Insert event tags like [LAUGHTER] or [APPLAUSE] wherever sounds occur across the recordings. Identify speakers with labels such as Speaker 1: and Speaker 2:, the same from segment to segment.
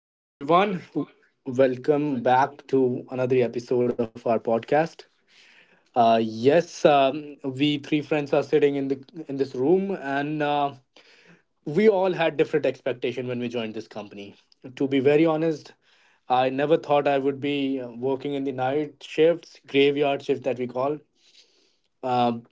Speaker 1: Hello, everyone. Welcome back to another episode of our podcast. Yes, we three friends are sitting in the in this room, and we all had different expectation when we joined this company. To be very honest, I never thought I would be working in the night shifts, graveyard shift that we call. Um,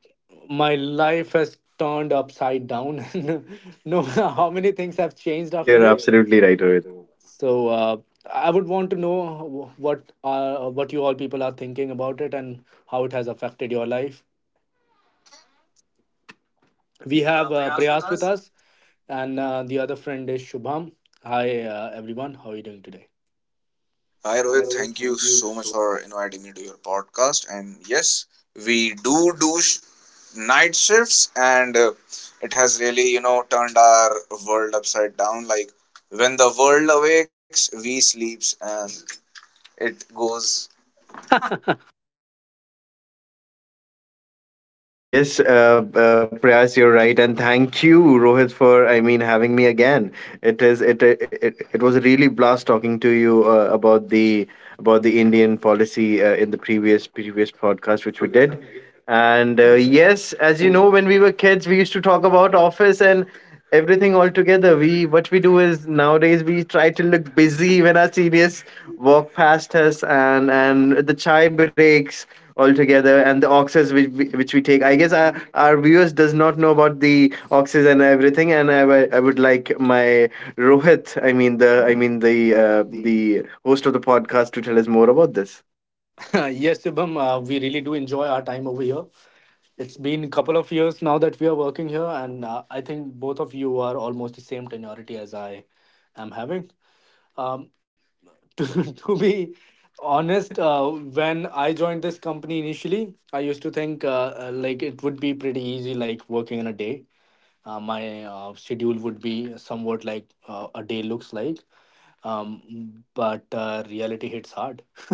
Speaker 1: my life has turned upside down. [LAUGHS] No matter how many things have changed after
Speaker 2: Yes,
Speaker 1: yes, it.
Speaker 2: you're
Speaker 1: You're
Speaker 2: absolutely
Speaker 1: absolutely
Speaker 2: right,
Speaker 1: right, Arun.
Speaker 2: Rohit.
Speaker 1: I would want to know what you all people are thinking about it and how it has affected your life.
Speaker 3: We
Speaker 1: We
Speaker 3: have
Speaker 1: have
Speaker 3: Prayas with
Speaker 1: Prayas with
Speaker 3: us.
Speaker 1: us, and the other friend is Shubham. Hi everyone, how are you doing today?
Speaker 3: Hi
Speaker 1: Hi
Speaker 3: Rohit,
Speaker 1: Rohit,
Speaker 3: thank you
Speaker 1: thank you
Speaker 3: so much
Speaker 1: so.
Speaker 3: for inviting me to your podcast. And yes, we do night shifts, and it has really turned our world upside down. Like when the world awakes, we sleeps, and it goes.
Speaker 2: Yes, Prayas, you're right, and thank you, Rohit, for having me again. It is it it, it was a really blast talking to you about the Indian policy in the previous previous podcast which we did. And yes, as you know, when we were kids, we used to talk about office and everything all together. We what we do is nowadays we try to look busy when our seniors walk past us and the chai breaks altogether, and the oxes which we take. I guess our viewers does not know about the oxes and everything, and I would like my Rohit, the host of the podcast to tell us more about this.
Speaker 1: [LAUGHS] Yes, Shubham, we really do enjoy our time over here. It's been a couple of years now that we are working here, and I think both of you are almost the same tenority as I am having. Um, [LAUGHS] to, to be honest, when I joined this company initially, I used to think like it would be pretty easy, like working in a day. My schedule would be somewhat like a day looks like, but reality hits hard. [LAUGHS]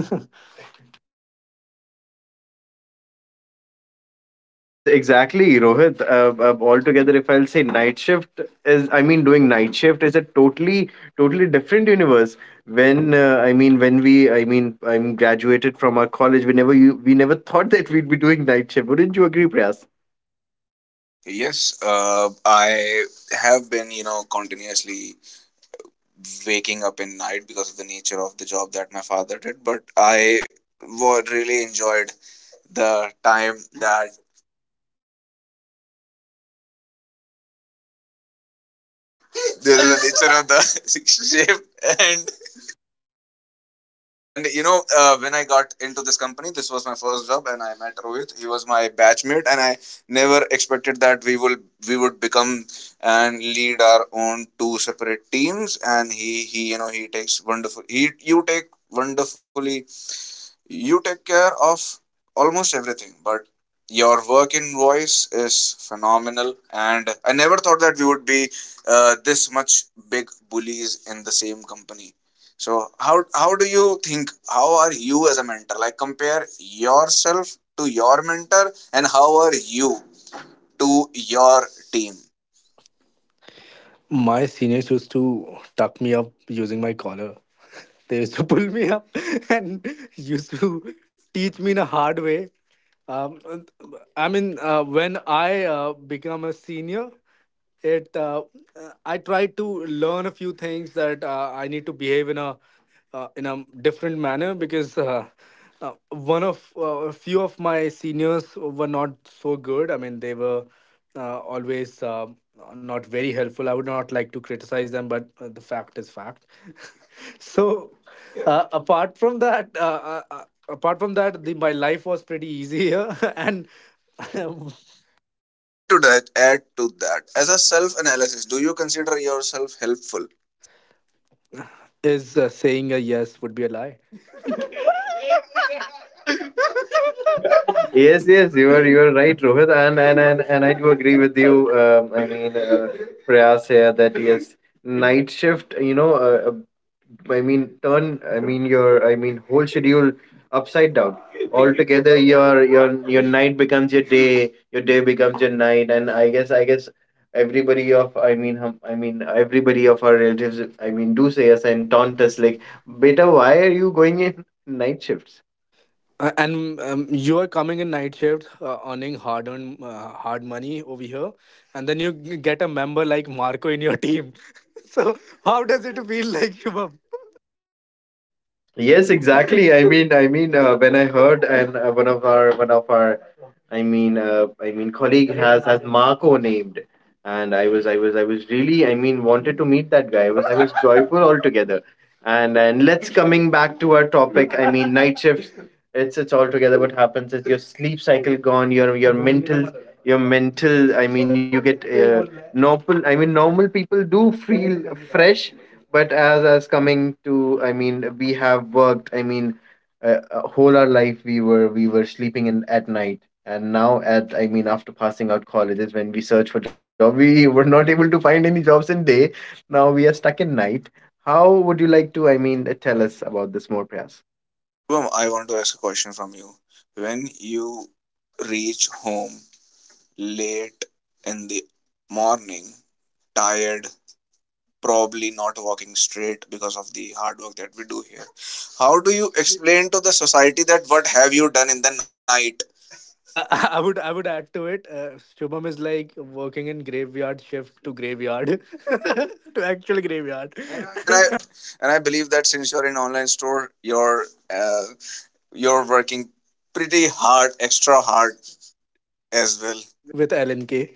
Speaker 2: Yes, exactly, Rohit, altogether, if I'll say, night shift is, doing night shift is a totally totally different universe. When when we I mean I'm graduated from our college, we never you we never thought that we'd be doing night shift. Wouldn't you agree, Prayas?
Speaker 3: Yes, I have been continuously waking up in night because of the nature of the job that my father did, but I really enjoyed the time that this is the nature of the [LAUGHS] shift. And and when I got into this company, this was my first job, and I met Rohit. He was my batchmate, and I never expected that we would become and lead our own two separate teams. And he he takes wonderful, he, you take wonderfully, you take care of almost everything, but your work invoice is phenomenal, and I never thought that we would be this much big bullies in the same company. So how do you think? How are you as a mentor? Like compare yourself to your mentor, and how are you to your team?
Speaker 1: My seniors used to tuck me up using my collar. [LAUGHS] They used to pull me up [LAUGHS] and used to teach me in a hard way. Um, when I become a senior, it I tried to learn a few things that I need to behave in a different manner because one of a few of my seniors were not so good, I mean they were always not very helpful, I would not like to criticize them, but the fact is fact. [LAUGHS] So apart from that apart from that my life was pretty easy here. [LAUGHS] And
Speaker 3: Add to that. Add to that. As a self analysis, do you consider yourself helpful?
Speaker 1: [LAUGHS] is saying a yes would be a lie.
Speaker 2: Yes,
Speaker 1: Yes, yes, you
Speaker 2: you are right, Rohit, and I do agree with you. Prayas here, that yes, night shift. You know, I mean, turn. I mean, your, whole schedule upside down altogether. Your night becomes your day. Your day becomes your night, and I guess everybody of, I mean everybody of our relatives, do say us and taunt
Speaker 1: want
Speaker 2: us
Speaker 1: us
Speaker 2: like,
Speaker 1: like
Speaker 2: beta,
Speaker 1: better.
Speaker 2: why are you going in night shifts?
Speaker 1: And You are coming in night shift, earning hard earned hard money over here, and then you get a member like Marco in your team. [LAUGHS] So how does it feel like, Shubham?
Speaker 2: Yes, exactly. When I heard, and one of our, colleague has Marco named, and I was really, wanted to meet that guy. I was joyful altogether. And let's coming back to our topic. I mean, night shift. It's altogether. What happens is, your sleep cycle gone. Your mental. I mean, you get normal. I mean, normal people do feel fresh, but as coming to, I mean, we have worked. I mean, whole our life we were sleeping in at night. And now, at I mean, after passing out colleges, when we search for job, we were not able to find any jobs in day. Now we are stuck in night. How would you like to, I mean, tell us about this more, Prayas?
Speaker 3: Boom, I want to ask a question from you. When you reach home late in the morning, tired, probably not walking straight because of the hard work that we do here, how do you explain to the society that what have you done in the night?
Speaker 1: Uh, [LAUGHS] I would add to it. Shubham is like working in graveyard shift to graveyard [LAUGHS] to actual graveyard
Speaker 3: and i and i
Speaker 1: [LAUGHS]
Speaker 3: and i believe that since you're in online store, uh, you're working pretty hard, extra hard as well.
Speaker 1: with LNK.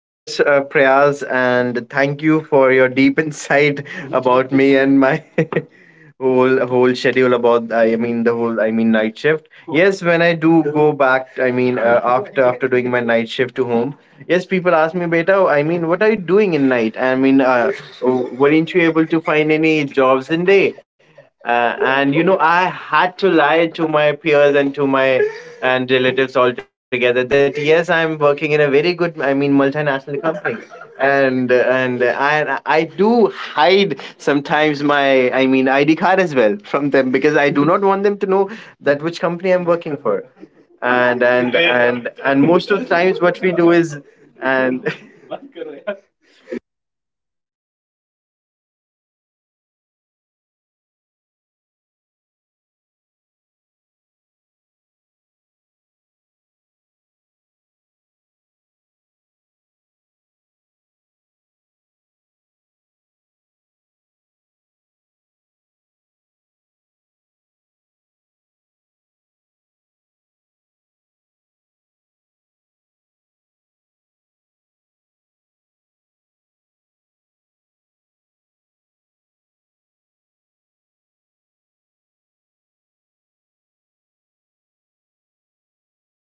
Speaker 2: Yes, Prayas, and thank you for your deep insight [LAUGHS] about me and my [LAUGHS] whole whole schedule about, I mean, the whole, I mean, night shift. Yes, when I do go back, I mean, after after doing my night shift to home, yes, people ask me, beta, I mean, what are you doing in night? I mean, weren't you able to find any jobs in day? And you know, I had to lie to my peers and to my and relatives altogether that yes, I'm working in a very good, I mean, multinational company. And I do hide sometimes my, ID card as well from them because I do not want them to know that which company I'm working for, and most of the times what we do is and. [LAUGHS]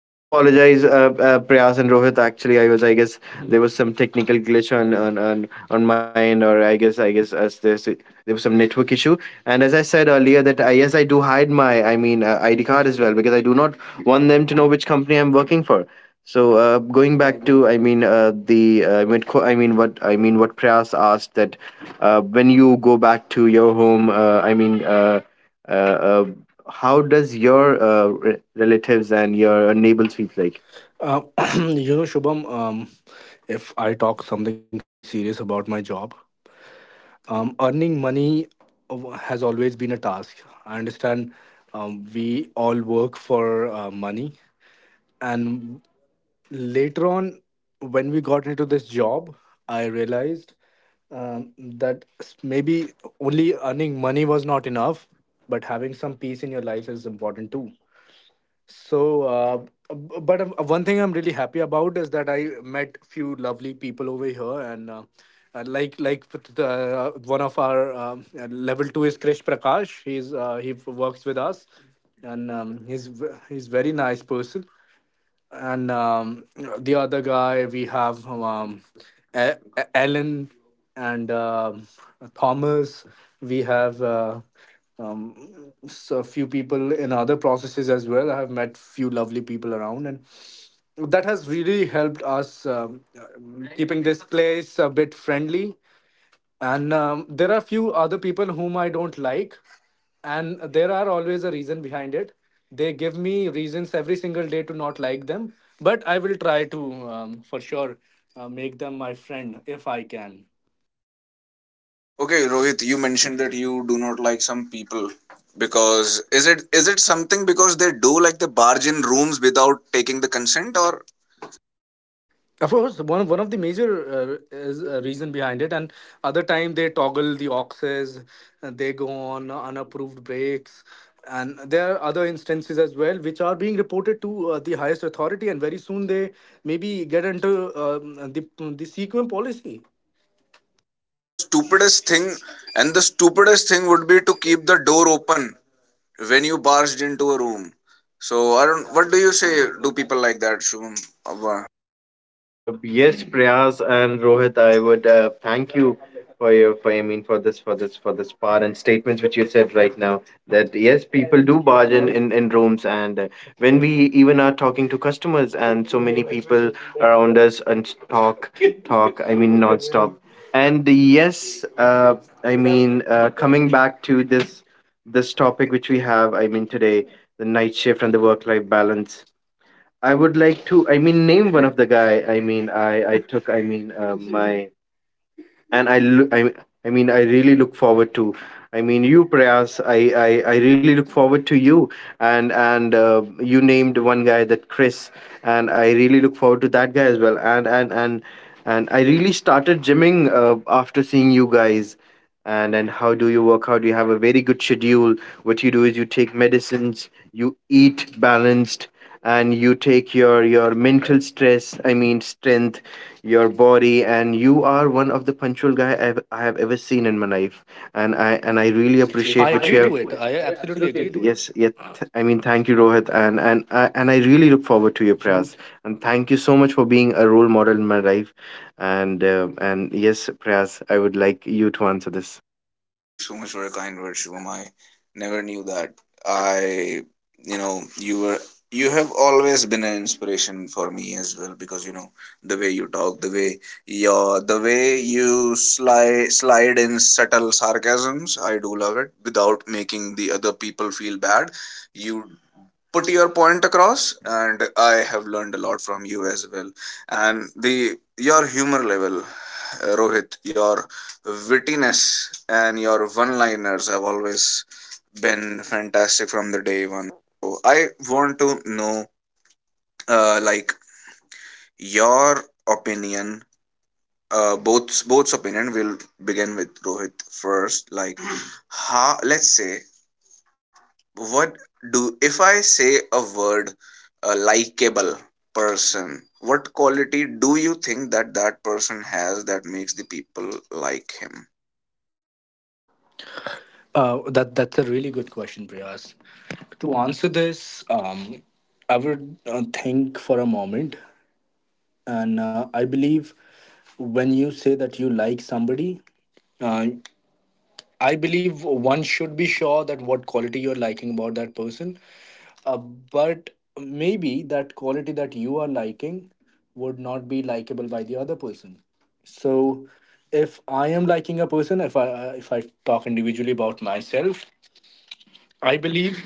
Speaker 2: I apologize, Prayas and Rohit. Actually, I was, I guess, there was some technical glitch on on my end, or I guess, as there was some network issue. And as I said earlier, that I, yes, I do hide my, I mean, ID card as well because I do not want them to know which company I'm working for. So going
Speaker 1: To I
Speaker 2: back
Speaker 1: mean.
Speaker 2: to, I mean, the, I mean, I mean, what Prayas asked, that when you go back to your home, I mean. Uh, uh, how does your relatives and your neighbors feel like?
Speaker 1: Um, [CLEARS THROAT] you know, Shubham, if I talk something serious about my job, earning money has always been a task. I understand we all work for money. And later on, when we got into this job, I realized that maybe only earning money was not enough, but having some peace in your life is important too. So, b- but one thing I'm really happy about is that I met few lovely people over here, and like with the one of our level two is Krish Prakash. He works with us, and he's very nice person, and the other guy we have, E- Ellen and Thomas. We have um, a few people in other processes as well. I have met few lovely people around, and that has really helped us keeping this place a bit friendly. And there are few other people whom I don't like, and there are always a reason behind it. They give me reasons every single day to not like them, but I will try to, for sure, make them my friend if I can.
Speaker 3: Okay Rohit, you mentioned that you do not like some people, because is it something because they do like the bargain rooms without taking the consent? Or
Speaker 1: Of course, one of the major is a reason behind it, and other time they toggle the oxes and they go on unapproved breaks, and there are other instances as well which are being reported to the highest authority, and very soon they maybe get into, um, the CQM policy.
Speaker 3: and the stupidest thing and the stupidest thing would be to keep the door open when you barged into a room. So I don't, what do you say, do people like that, Shubham? Wow.
Speaker 2: Yes, Prayas and Rohit, I would thank you for your for I mean for this part and statements which you said right now, that yes, people do barge in in rooms. And when we even are talking to customers and so many people around us, and talk, I mean, non-stop. And yes, I mean, coming back to this this topic which we have, I mean, today, the night shift and the work life balance. I would like to. I mean, name one of the guy. I mean, I took. I mean, my and I look. I really look forward to. I mean, you, Prayas. I really look forward to you. And you named one guy, that Chris. And I really look forward to that guy as well. And I really started gymming after seeing you guys. And then, how do you work out? You have a very good schedule. What you do is, you take medicines, you eat balanced, and you take your mental stress, I mean, strength, your body. And you are one of the punctual guy I have ever seen in my life. And I
Speaker 1: Really
Speaker 2: really
Speaker 1: appreciate, I
Speaker 2: appreciate what I, you
Speaker 1: agree
Speaker 2: agree,
Speaker 1: to
Speaker 2: have to
Speaker 1: it.
Speaker 2: it.
Speaker 1: I
Speaker 2: I
Speaker 1: absolutely
Speaker 2: absolutely
Speaker 1: agree to
Speaker 2: agree.
Speaker 1: it.
Speaker 2: Yes, yeah. Thank you, Rohit. And and I really look forward to your prayers. And thank you so much for being a role model in my life. And and yes, Prayas, I would like you to answer this.
Speaker 3: Thank you so much for your kind words, Shubham. I never knew that I you know you were, you have always been an inspiration for me as well, because you know the way you talk, the way you slide in subtle sarcasms, I do love it. Without making the other people feel bad, you put your point across, and I have learned a lot from you as well. And the your humor level, Rohit, your wittiness and your one liners have always been fantastic from the day one. So I want to know, like your opinion, both's opinion. Will begin with Rohit first. Like how, let's say, what do, if I say a word, a likable person, what quality do you think that that person has that makes the people like him?
Speaker 1: That that's a really good question, Priyas. To answer this, I would think for a moment, and I believe when you say that you like somebody, uh, I believe one should be sure that what quality you're liking about that person, but maybe that quality that you are liking would not be likable by the other person. So if I am liking a person if I talk individually about myself, I believe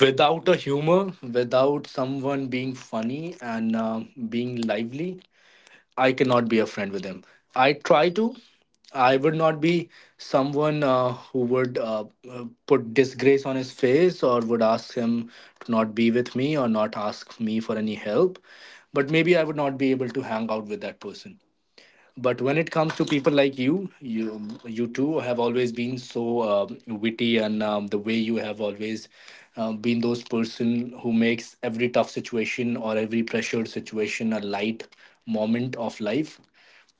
Speaker 1: without a humor, without someone being funny and being lively, I cannot be a friend with him. I try to. I would not be someone who would uh, put disgrace on his face or would ask him to not be with me or not ask me for any help. But maybe I would not be able to hang out with that person. But when it comes to people like you, you two have always been so witty, and the way you have always been those person who makes every tough situation or every pressured situation a light moment of life.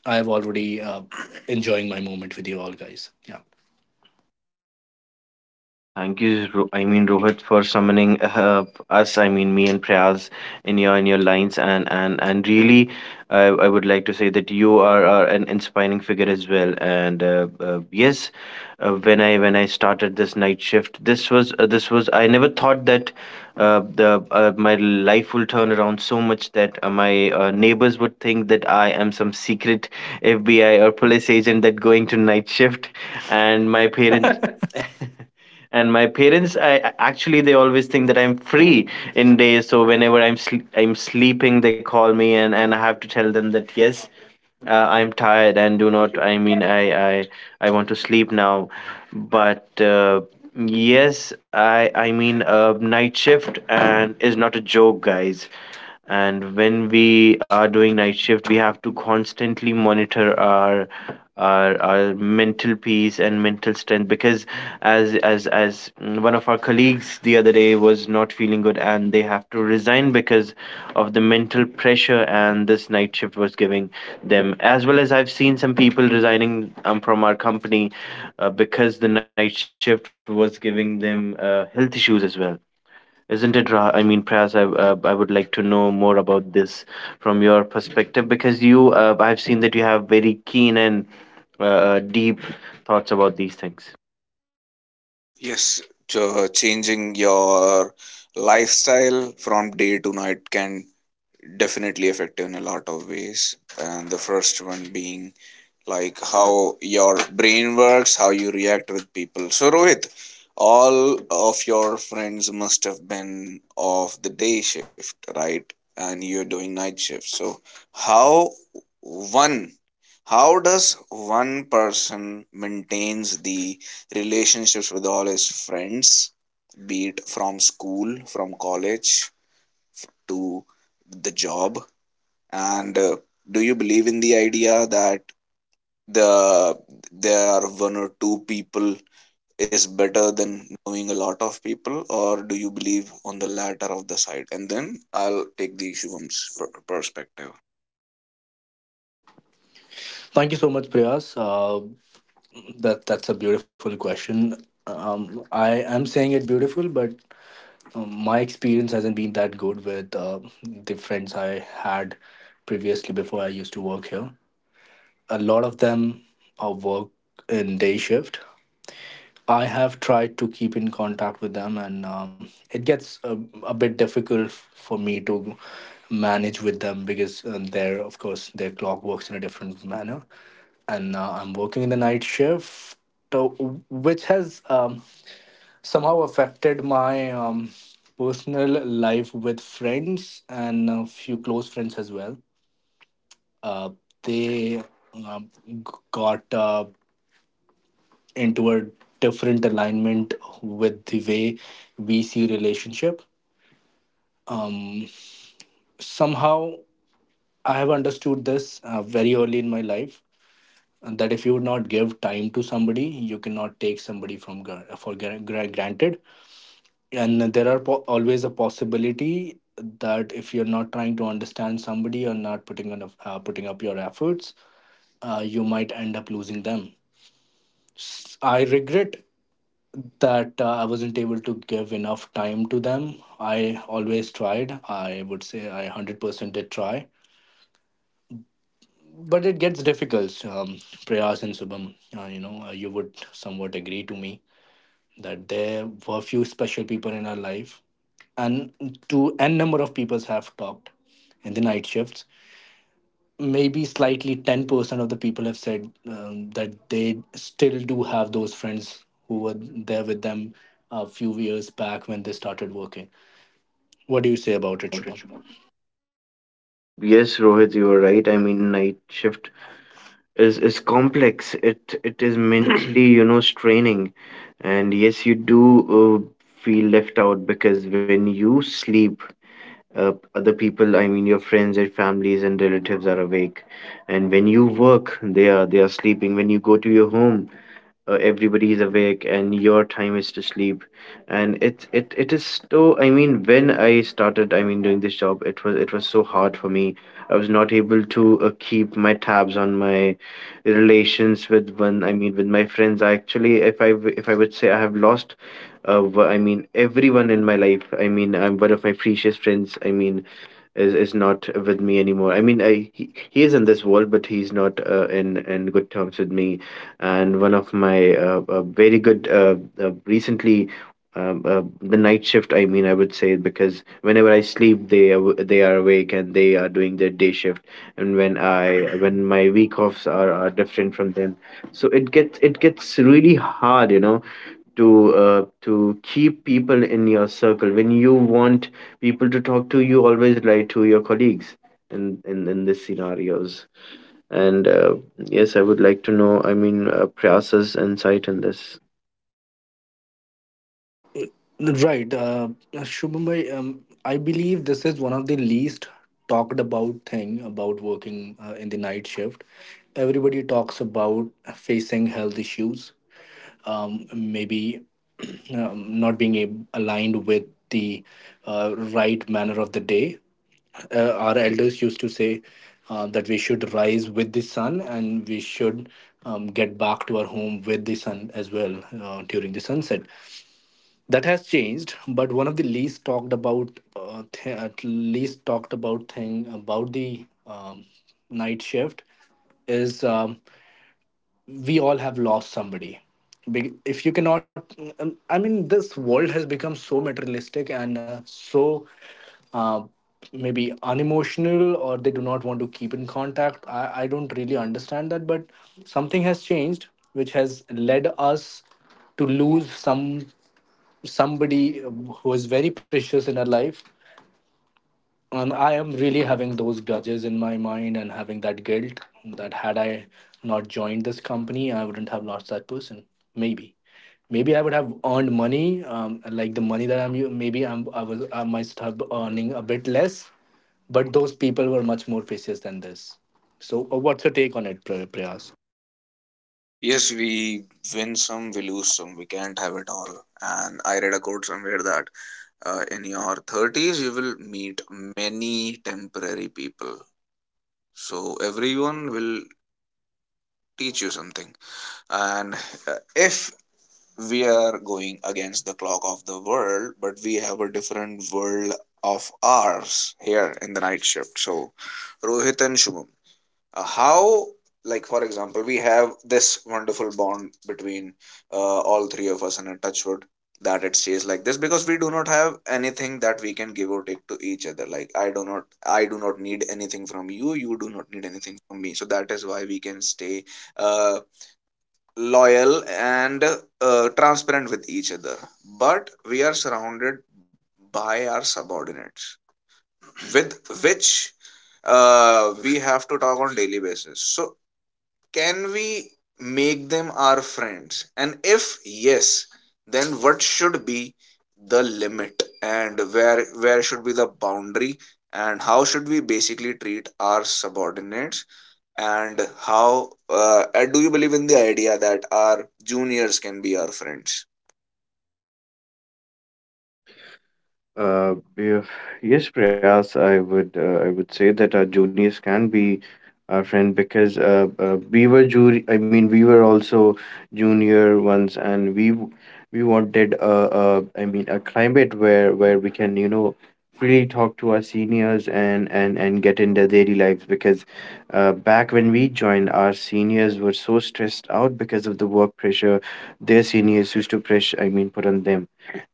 Speaker 1: I have already enjoying my moment with you all guys. Yeah.
Speaker 2: Thank you, Rohit, for summoning us. I mean, me and Prayas, in your lines. And really, I would like to say that are an inspiring figure as well. And yes, when I started this night shift, this was, I never thought that the my life will turn around so much that my neighbors would think that I am some secret FBI or police agent that going to night shift. And
Speaker 1: My opinion. [LAUGHS]
Speaker 2: my parents, actually they always think that I'm free in days, so whenever I'm sleeping, they call me. And I have to tell them that yes, uh, I'm tired and do not, I mean, I want to sleep now. But yes, night shift and is not a joke, guys. And when we are doing night shift, we have to constantly monitor our our mental peace and mental strength, because as mm, one of our colleagues the other day was not feeling good and they have to resign because of the mental pressure and this night shift was giving them, as well as I've seen some people resigning, from our company, because the night shift was giving them health issues as well. Isn't it, Pras, I would like to know more about this from your perspective, because you, I've seen that you have very keen and uh, deep thoughts about these things.
Speaker 3: Yes. ch- Changing your lifestyle from day to night can definitely affect you in a lot of ways, and the first one being like how your brain works, how you react with people. So, Rohit, all of your friends must have been of the day shift, right? And you're doing night shift. So, how one how does one person maintains the relationships with all his friends, be it from school, from college, to the job? And do you believe in the idea that the there are one or two people is better than knowing a lot of people, or do you believe on the latter of the side? And then I'll take the Shubham's perspective.
Speaker 1: Thank you so much, Priyas. That that's a beautiful question. I am saying it beautiful, but my experience hasn't been that good with the friends I had previously before I used to work here. A lot of them work in day shift. I have tried to keep in contact with them, and a bit difficult for me to manage with them because of course, their clock works in a different manner, and now I'm working in the night shift, which has somehow affected my personal life with friends and a few close friends as well. Uh, they um, g- got into a different alignment with the way we see relationship. Um, Somehow, I have understood this very early in my life. And that if you would not give time to somebody, you cannot take somebody for granted, and there are always a possibility that if you're not trying to understand somebody or not putting enough, putting up your efforts, you might end up losing them. I regret that I wasn't able to give enough time to them. I always tried, I would say I 100% did try, but it gets difficult, prayas and subham. You know, you would somewhat agree to me that there were few special people in our life, and to n number of people have talked in the night shifts, maybe slightly 10% of the people have said that they still do have those friends who were there with them a few years back when they started working. What do you say about it, shubham?
Speaker 2: Yes, Rohit, you are right. I mean, night shift is complex. It is mentally, [CLEARS THROAT] you know, straining. And yes, you do uh, feel left out because when you sleep, other people, I mean, your friends, your families and relatives are awake. And when you work, they are sleeping. When you go to your home, everybody is awake and your time is to sleep. And it's it it is. So I mean, when I started, I mean, doing this job, it was so hard for me. I was not able to keep my tabs on my relations with one, I mean, with my friends. I actually, if I would say, I have lost I mean, everyone in my life. I mean, I'm one of my precious friends, I mean, is not with me anymore. I mean, he is in this world, but he's not in good terms with me. And one of my very good recently. The night shift, I mean, I would say, because whenever I sleep, they are awake and they are doing their day shift. And when I when my week offs are different from them, so it gets really hard, you know, to keep people in your circle. When you want people to talk to you, always lie to your colleagues in these scenarios. And yes, I would like to know. I mean, Prasa's insight in this.
Speaker 1: Right, shubham bhai, I believe this is one of the least talked about thing about working in the night shift. Everybody talks about facing health issues, maybe [CLEARS THROAT] not being aligned with the right manner of the day. Our elders used to say that we should rise with the sun, and we should get back to our home with the sun as well during the sunset. That has changed, but one of the least talked about, at least talked about thing about the, night shift is. We all have lost somebody. If you cannot, I mean this world has become so materialistic and so uh, maybe unemotional, or they do not want to keep in contact, I don't really understand that, but something has changed which has led us to lose somebody who is very precious in our life. And I am really having those grudges in my mind and having that guilt that had I not joined this company, I wouldn't have lost that person. Maybe maybe I would have earned money, like the money that maybe I was I must have earning a bit less, but those people were much more precious than this. So what's your take on it, priyas?
Speaker 3: Yes, we win some, we lose some, we can't have it all. And I read a quote somewhere that in your 30s you will meet many temporary people, so everyone will teach you something. And if we are going against the clock of the world, but we have a different world of ours here in the night shift. So Rohit and Shubham, how, like for example, we have this wonderful bond between uh, all three of us, and a touchwood that it stays like this, because we do not have anything that we can give or take to each other. Like i do not need anything from you, you do not need anything from me, so that is why we can stay uh, loyal and transparent with each other. But we are surrounded by our subordinates, with which we have to talk on daily basis. So can we make them our friends? And if yes, then what should be the limit, and where should be the boundary, and how should we basically treat our subordinates? And how, do you believe in the idea that our juniors can be our friends?
Speaker 2: Uh, yeah, yes, Prayas, I would say that our juniors can be our friend, because we were we were also junior ones, and we wanted a, I mean, a climate where we can, you know, freely talk to our seniors, and get in their daily lives, because back when we joined, our seniors were so stressed out because of the work pressure, their seniors used to put on them.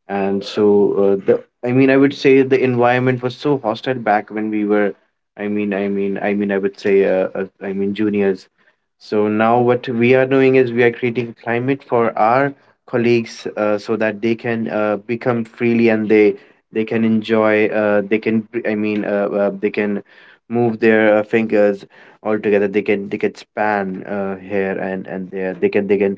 Speaker 2: And so the, I mean, I would say, the environment was so hostile back when we were, I would say, I mean, juniors. So now what we are doing is, we are creating climate for our colleagues, so that they can become freely, and they can enjoy, they can they can move their fingers altogether, they can span here and there, they can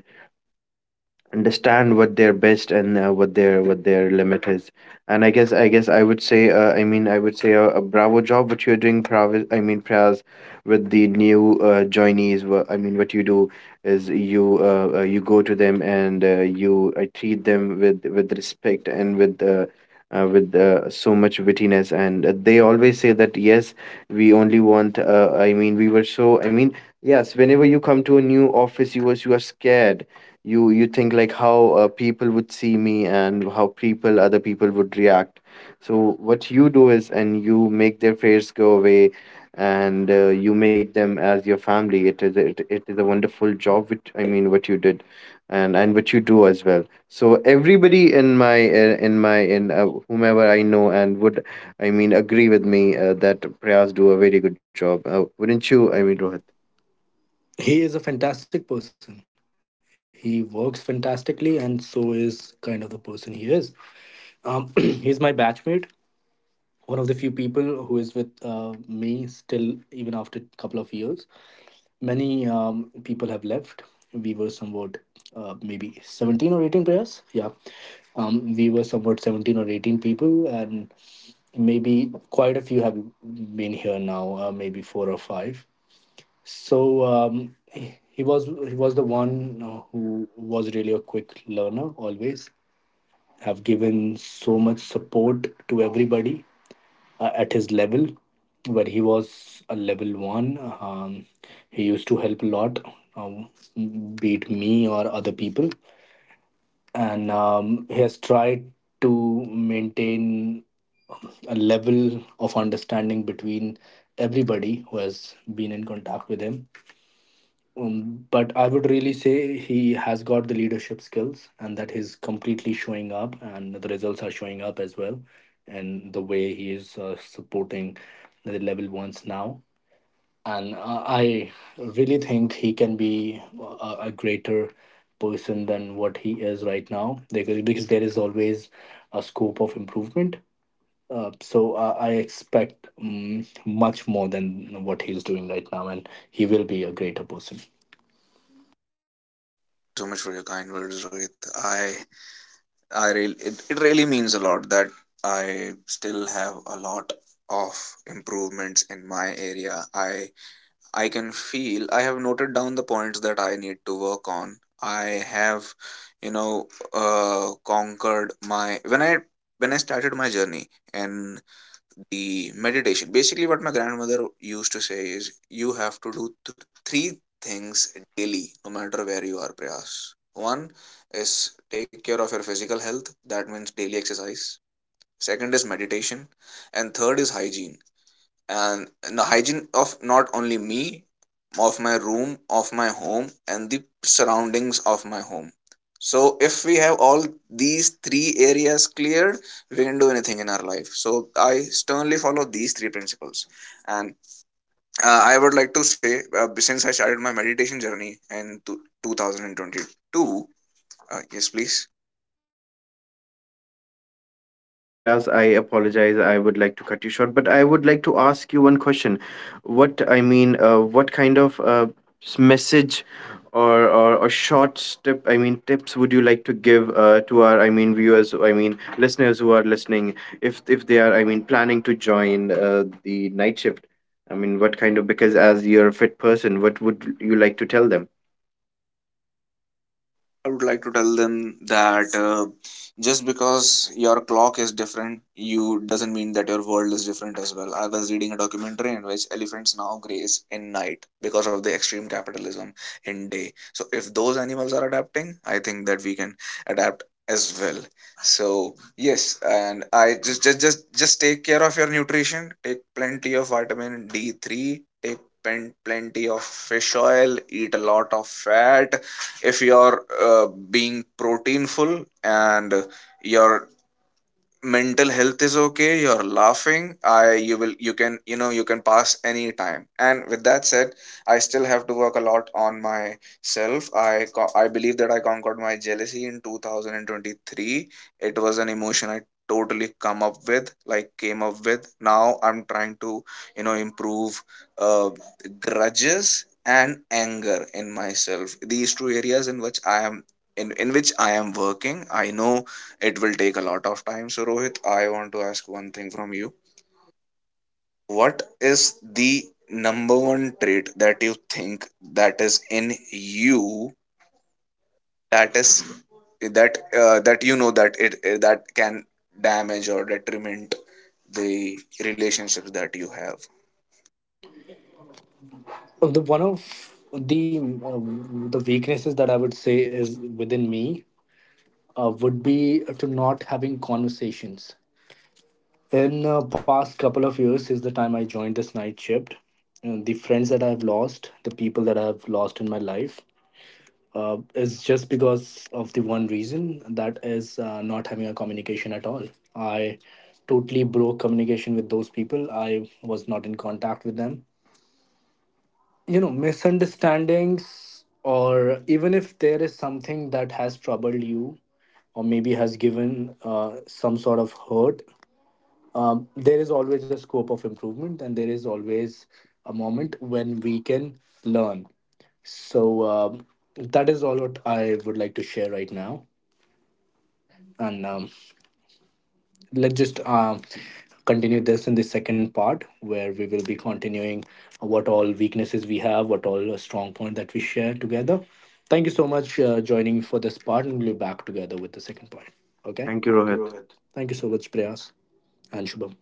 Speaker 2: understand what their best, and what their limit is. And I guess I would say, I mean I would say a bravo job what you're doing, Prav, I mean Praz, with the new joinees. What you do is, you you go to them, and you treat them with respect, and with so much wittiness. And they always say that yes, we only want, we were so, I mean, yes, whenever you come to a new office, you are scared. You think like, how people would see me, and how people other people would react. So what you do is, and you make their fears go away. And you make them as your family. It is it is a wonderful job, which, I mean, what you did and what you do as well. So everybody in my in my in whomever I know, and would, agree with me, that Prayas do a very good job. Wouldn't you,
Speaker 1: Go
Speaker 2: Rohit?
Speaker 1: ahead. He is a fantastic person. He works fantastically, and so is kind of the person he is. [CLEARS THROAT] He's my batchmate, one of the few people who is with me still even after a couple of years. Many people have left. We were somewhat, maybe 17 or 18 players, yeah. We were somewhat 17 or 18 people, and maybe quite a few have been here now, maybe four or five. So he was the one who was really a quick learner, always have given so much support to everybody at his level, where he was a level one. um, he used to help a lot, um, be it me or other people. And he has tried to maintain a level of understanding between everybody who has been in contact with him. But I would really say he has got the leadership skills, and that he's completely showing up, and the results are showing up as well. And the way he is supporting the level ones now. And I really think he can be a greater person than what he is right now, because there is always a scope of improvement. So I expect much more than what he's doing right now, and he will be a greater person.
Speaker 3: So much for your kind words, Rohit. I really, it really means a lot that I still have a lot of improvements in my area. I can feel, I have noted down the points that I need to work on. I have you know conquered my, when i, when I started my journey in the meditation. Basically what my grandmother used to say is you have to do three things daily no matter where you are, Prayas. One is take care of your physical health, that means daily exercise. Second is meditation, and third is hygiene. And, the hygiene of not only me, of my room, of my home, and the surroundings of my home. So if we have all these three areas cleared, we can do anything in our life. So I sternly follow these three principles. And I would like to say, since I started my meditation journey in 2022, yes please.
Speaker 2: Yes, Prayas, I apologize. I would like to cut you short, but I would like to ask you one question. What, what kind of message, or, short tip, I mean, tips, would you like to give to our, viewers, I mean, listeners who are listening, if they are, I mean, planning to join the night shift? I mean, what kind of, because as you're a fit person, what would you like to tell them?
Speaker 3: I would like to tell them that just because your clock is different, you doesn't mean that your world is different as well. I was reading a documentary in which elephants now graze in night because of the extreme capitalism in day. So if those animals are adapting, I think that we can adapt as well. So yes, and I just take care of your nutrition. Take plenty of vitamin D three. Take pen plenty of fish oil. Eat a lot of fat. If you're being proteinful and you're mental health is okay, you're laughing, I you will, you can, you can pass any time. And with that said, I still have to work a lot on myself. I believe that I conquered my jealousy in 2023. It was an emotion I totally come up with, like came up with. Now I'm trying to improve uh, grudges and anger in myself. These two areas in which I am, in which I am working, I know it will take a lot of time. So, Rohit, I want to ask one thing from you. What is the number one trait that you think that is in you, that is, that that you know that it that can damage or detriment the relationships that you have?
Speaker 1: Well, the one of the weaknesses that I would say is within me would be to not having conversations. In past couple of years, since the time I joined this night shift, and the friends that I've lost, the people that I've lost in my life, is just because of the one reason, that is not having a communication at all. I totally broke communication with those people. I was not in contact with them. You know, misunderstandings, or even if there is something that has troubled you or maybe has given some sort of hurt, there is always a scope of improvement, and there is always a moment when we can learn. So that is all what I would like to share right now. And let's just, continue this in the second part, where we will be continuing what all weaknesses we have, what all strong point that we share together. Thank you so much joining me for this part, and we'll be back together with the second part. Okay.
Speaker 2: Thank you,
Speaker 1: Thank you,
Speaker 2: Rohit.
Speaker 1: Rohit. Thank you so much, prayas and shubham.